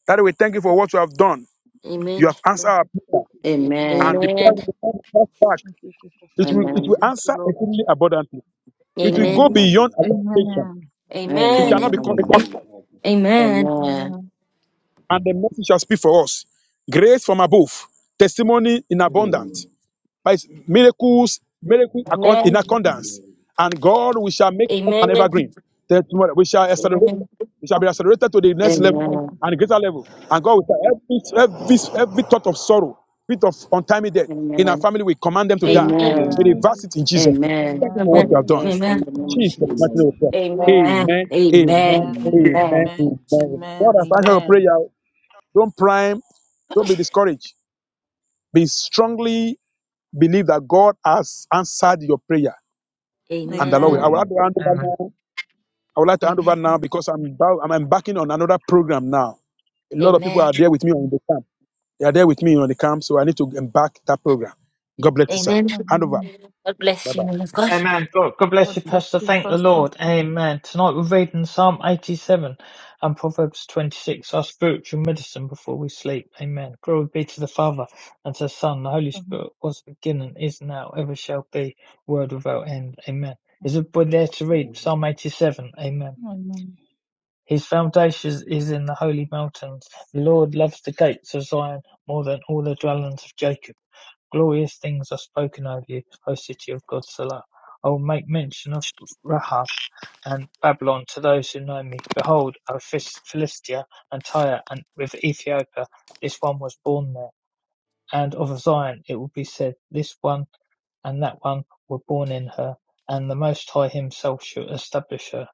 That we thank you for what you have done.
And
You
Amen.
thank
have
you,
answered
Lord.
our
Thank
prayer.
you, Jesus.
And
Amen.
the
Thank you.
prayer
Amen.
Lord.
will come back.
Thank you,
It will,
Amen.
it
Jesus.
will
Amen.
Thank you,
answer
Lord.
exceedingly abundantly. It will go
Amen.
Amen.
beyond our
Amen.
expectation.
Amen.
It shall
Amen.
not be
Amen.
cut short.
Amen, Father.
Amen.
Amen.
Amen.
And the message shall speak for us. Grace from above, testimony in abundance.
Amen.
Amen.
by his miracles, miracles accon- in
Amen.
accordance.
Amen.
And God, we shall make us an
Amen.
Amen.
evergreen. Then tomorrow We shall accelerate.
Amen.
We shall be accelerated to the
Amen.
next level
Amen.
Amen.
Amen.
and greater
Amen.
level. And God, we shall every, every, every thought of sorrow, bit of untimely death in our
Amen.
family, we command them to die.
Amen.
Amen.
We
Amen.
reverse
Amen.
it in Jesus. name.
Amen.
Thank you for
We
what
Amen.
you
will
have
Amen.
done.
rest in the
In
name of
Thank
Jesus,
you,
mighty
Jesus.
Lord
name we pray.
Jesus.
Thank you,
Amen.
Jesus.
Amen.
Amen.
Amen.
Amen.
Amen.
Amen.
Amen.
God has answered your prayer.
Amen.
Don't prime. Don't be discouraged. Be strongly Believe that God has answered your prayer.
Amen.
And
Amen.
the Lord will.
Amen.
I would
Amen.
like
Amen.
to hand over
Amen.
now. I would like to hand
Amen.
over now because I'm about, I'm embarking on another program now. A lot of people
Amen.
are there with me on the camp. They are there with me on the camp, so I need to embark that program. God bless you, sir.
Amen.
Hand over.
Amen.
God
Bye
bless
bye.
you, man of God.
Amen. God, God bless
God
you,
bless
Pastor.
you,
Thank the
Pastor.
Lord. Amen. Tonight we're reading Psalm 87 and Proverbs 26, our spiritual medicine before we sleep. Amen. Glory be to the Father and to the Son, and the Holy
Amen.
Spirit, was at the beginning, is now, ever shall be, word without end. Amen. Is everybody there to read
Amen.
Psalm 87? Amen.
Amen.
His foundation is in the holy mountains. The Lord loves the gates of Zion more than all the dwellings of Jacob. Glorious things are spoken of you, O city of Godzilla. I will make mention of Rahab and Babylon to those who know me. Behold, O Philistia and Tyre and with Ethiopia, this one was born there. And of Zion it will be said, This one and that one were born in her, and the Most High himself shall establish her.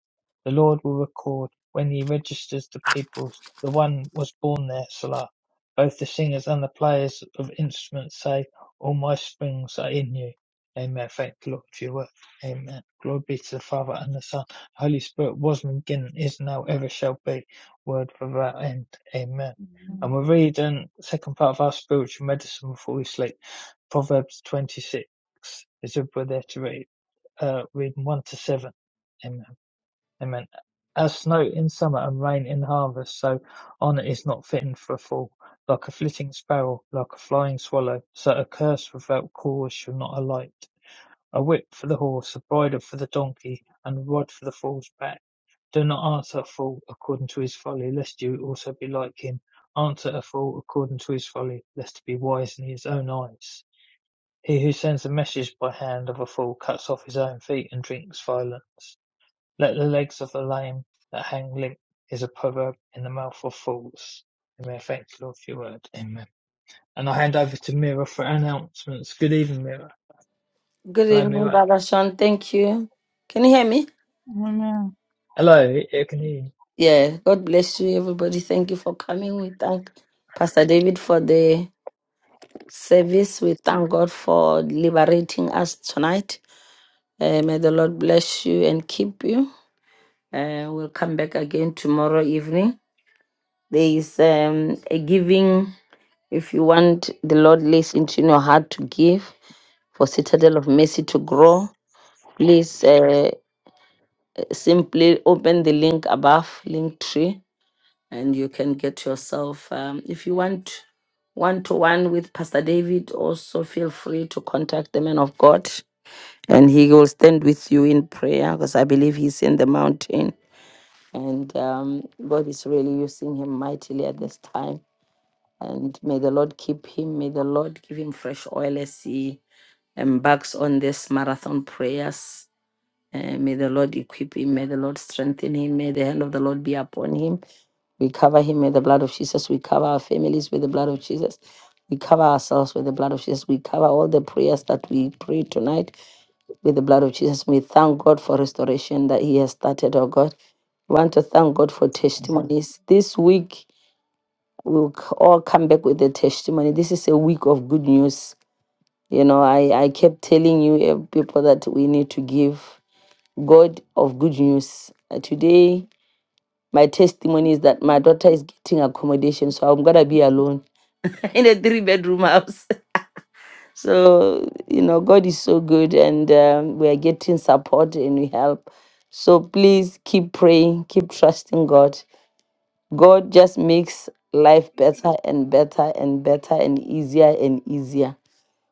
The Lord will record when he registers the peoples, the one was born there, Salah. Both the singers and the players of instruments say, All my springs are in you. Amen. Thank the Lord for your work. Amen. Glory be to the Father and the Son. The Holy Spirit was from the beginning, is now, ever shall be. Word without end. Amen. And
Amen.
we're reading the second part of our spiritual medicine before we sleep. Proverbs twenty-six is obliterated uh, reading 1 to 7. Amen. Amen. As snow in summer and rain in harvest, so honour is not fitting for a fool. Like a flitting sparrow, like a flying swallow, so a curse without cause shall not alight. A whip for the horse, a bridle for the donkey, and a rod for the fool's back. Do not answer a fool according to his folly, lest you also be like him. Answer a fool according to his folly, lest he be wise in his own eyes. He who sends a message by hand of a fool cuts off his own feet and drinks violence. Let the legs of the lame that hang limp is a proverb in the mouth of fools. Amen. Thank you, Lord, for your word. Amen. And I hand over to Mira for announcements. Good evening, Mira.
Good
Hello,
evening,
Mira.
Baba Sean. Thank you. Can you hear me?
Amen.
Hello, you can hear you.
Yeah. God bless you, everybody. Thank you for coming. We thank Pastor David for the service. We thank God for liberating us tonight. Uh, may the Lord bless you and keep you. Uh, we'll come back again tomorrow evening. There is um, a giving. If you want the Lord lays into your heart to give for Citadel of Mercy to grow, please uh, simply open the link above, link tree, and you can get yourself. Um, if you want one to one with Pastor David, also feel free to contact the man of God, and he will stand with you in prayer because I believe he's in the mountain, and um, God is really using him mightily at this time And may the Lord keep him. May the Lord give him fresh oil as he embarks on this marathon prayers. And may the Lord equip him. May the Lord strengthen him. May the hand of the Lord be upon him. We cover him with the blood of Jesus. We cover our families with the blood of Jesus. We cover ourselves with the blood of Jesus. We cover all the prayers that we pray tonight with the blood of Jesus. We thank God for restoration that He has started, oh God. We want to thank God for testimonies. This week, we'll c- all come back with a testimony. This is a week of good news. You know, I, I kept telling you eh, people that we need to give God of good news. Uh, Today, my testimony is that my daughter is getting accommodation, so I'm gonna be alone in a three bedroom house. So, you know, God is so good, and um, we are getting support and we help. So please keep praying, keep trusting God God just makes life better and better and better and easier and easier.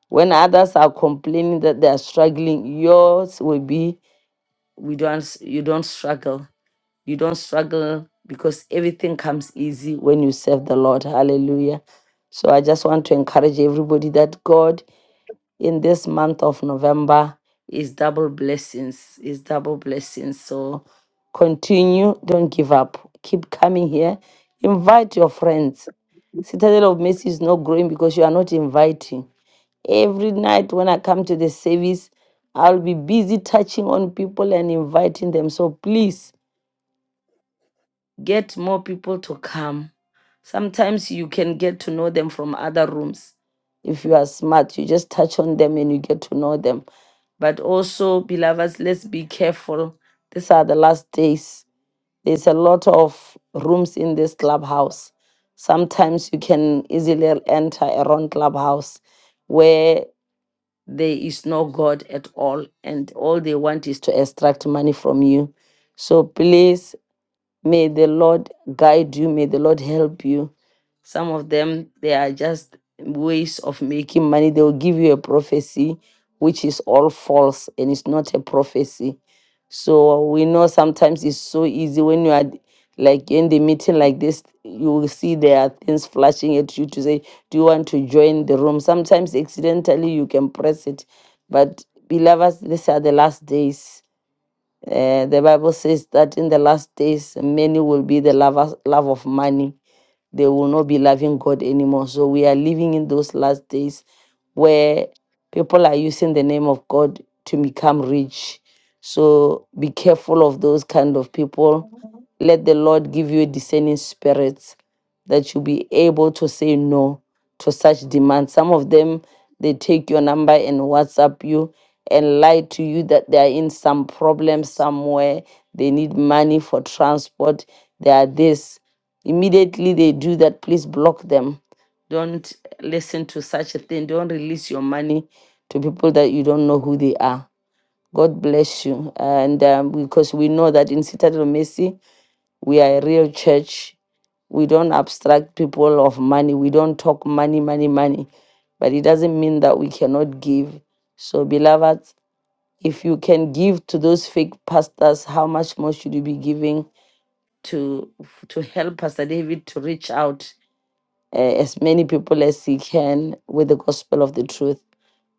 When others are complaining that they are struggling, yours will be we don't s- you don't struggle. You don't struggle because everything comes easy when you serve the Lord. Hallelujah. So I just want to encourage everybody that God in this month of November is double blessings, is double blessings. So continue, don't give up. Keep coming here. Invite your friends. Citadel of Mercy is not growing because you are not inviting. Every night when I come to the service, I'll be busy touching on people and inviting them. So please get more people to come. Sometimes you can get to know them from other rooms. If you are smart, you just touch on them and you get to know them. But also, beloveds, let's be careful. These are the last days. There's a lot of rooms in this clubhouse. Sometimes you can easily enter a wrong clubhouse where there is no God at all, and all they want is to extract money from you. So please May the Lord guide you. May the Lord help you. Some of them, they are just ways of making money. They will give you a prophecy, which is all false and it's not a prophecy. So we know sometimes it's so easy when you are like in the meeting like this, you will see there are things flashing at you to say, Do you want to join the room? Sometimes accidentally you can press it. But beloveds, these are the last days Eh, the Bible says that in the last days, many will be the lovers, love of money. They will not be loving God anymore. So we are living in those last days where people are using the name of God to become rich. So be careful of those kind of people. Let the Lord give you a discerning spirit that you'll be able to say no to such demands. Some of them, they take your number and WhatsApp you and lie to you that they are in some problem somewhere. They need money for transport. They are this. Immediately they do that, please block them. Don't listen to such a thing. Don't release your money to people that you don't know who they are. God bless you. And um, because we know that in Citadel of Mercy, we are a real church. We don't abstract people of money. We don't talk money, money, money. But it doesn't mean that we cannot give. So, beloved, if you can give to those fake pastors, how much more should you be giving to to help Pastor David to reach out uh, as many people as he can with the gospel of the truth?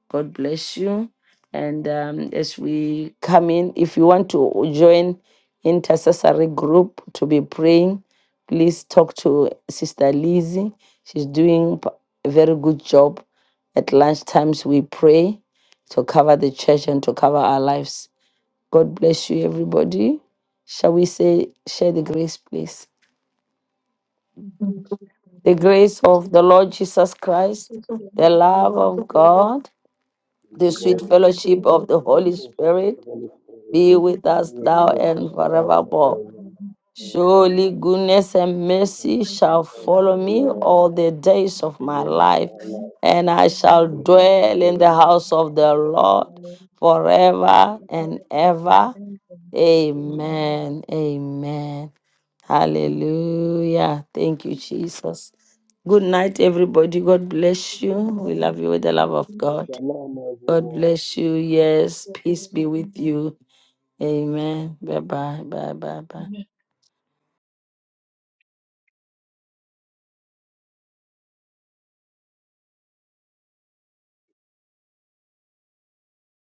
God bless you. And um, as we come in, if you want to join intercessory group to be praying, please talk to Sister Lizzie. She's doing p- a very good job. At lunch times, we pray to cover the church and to cover our lives. God bless you, everybody. Shall we say, share the grace, please?
In grace of God,
The grace
Jesus
of the
Christ,
Lord Jesus Christ,
Jesus Christ,
the
the Lord
love
of
of
glory,
God,
and the
the
Lord,
sweet
fellowship of the
uh,
fellowship of
Holy
the
you're
Holy
Spirit,
supposed to take
Spirit
the Holy Spirit
be
be
with
with us
in
us
your
now
now
first
and
and
now and
forevermore.
forever.
forevermore.
Amen.
Surely
Amen.
goodness and
So
Welcome
mercy
us
thank
this
you
shall
for
cycle,
the
follow me
name
Lord.
all the
of
days
the
of
day
my
Bring
for
up
life,
our
Father,
and I
and
and
shall
for
we
the
shall
dwell
dwell
in
grace
the
in
and
the
house
the
of
house
the
of the
mercy
Lord
for Lord,
Lord
for
forever
the
and
God and
ever.
and
forever. Amen.
Amen.
Amen. Amen. Hallelujah. Thank you, Jesus. Good night, everybody. God bless you. We
Amen.
love you with the love of God.
Shalom,
God
everyone.
bless you. Yes. Peace be with you. Amen. Bye bye. Bye bye. Bye.
Amen.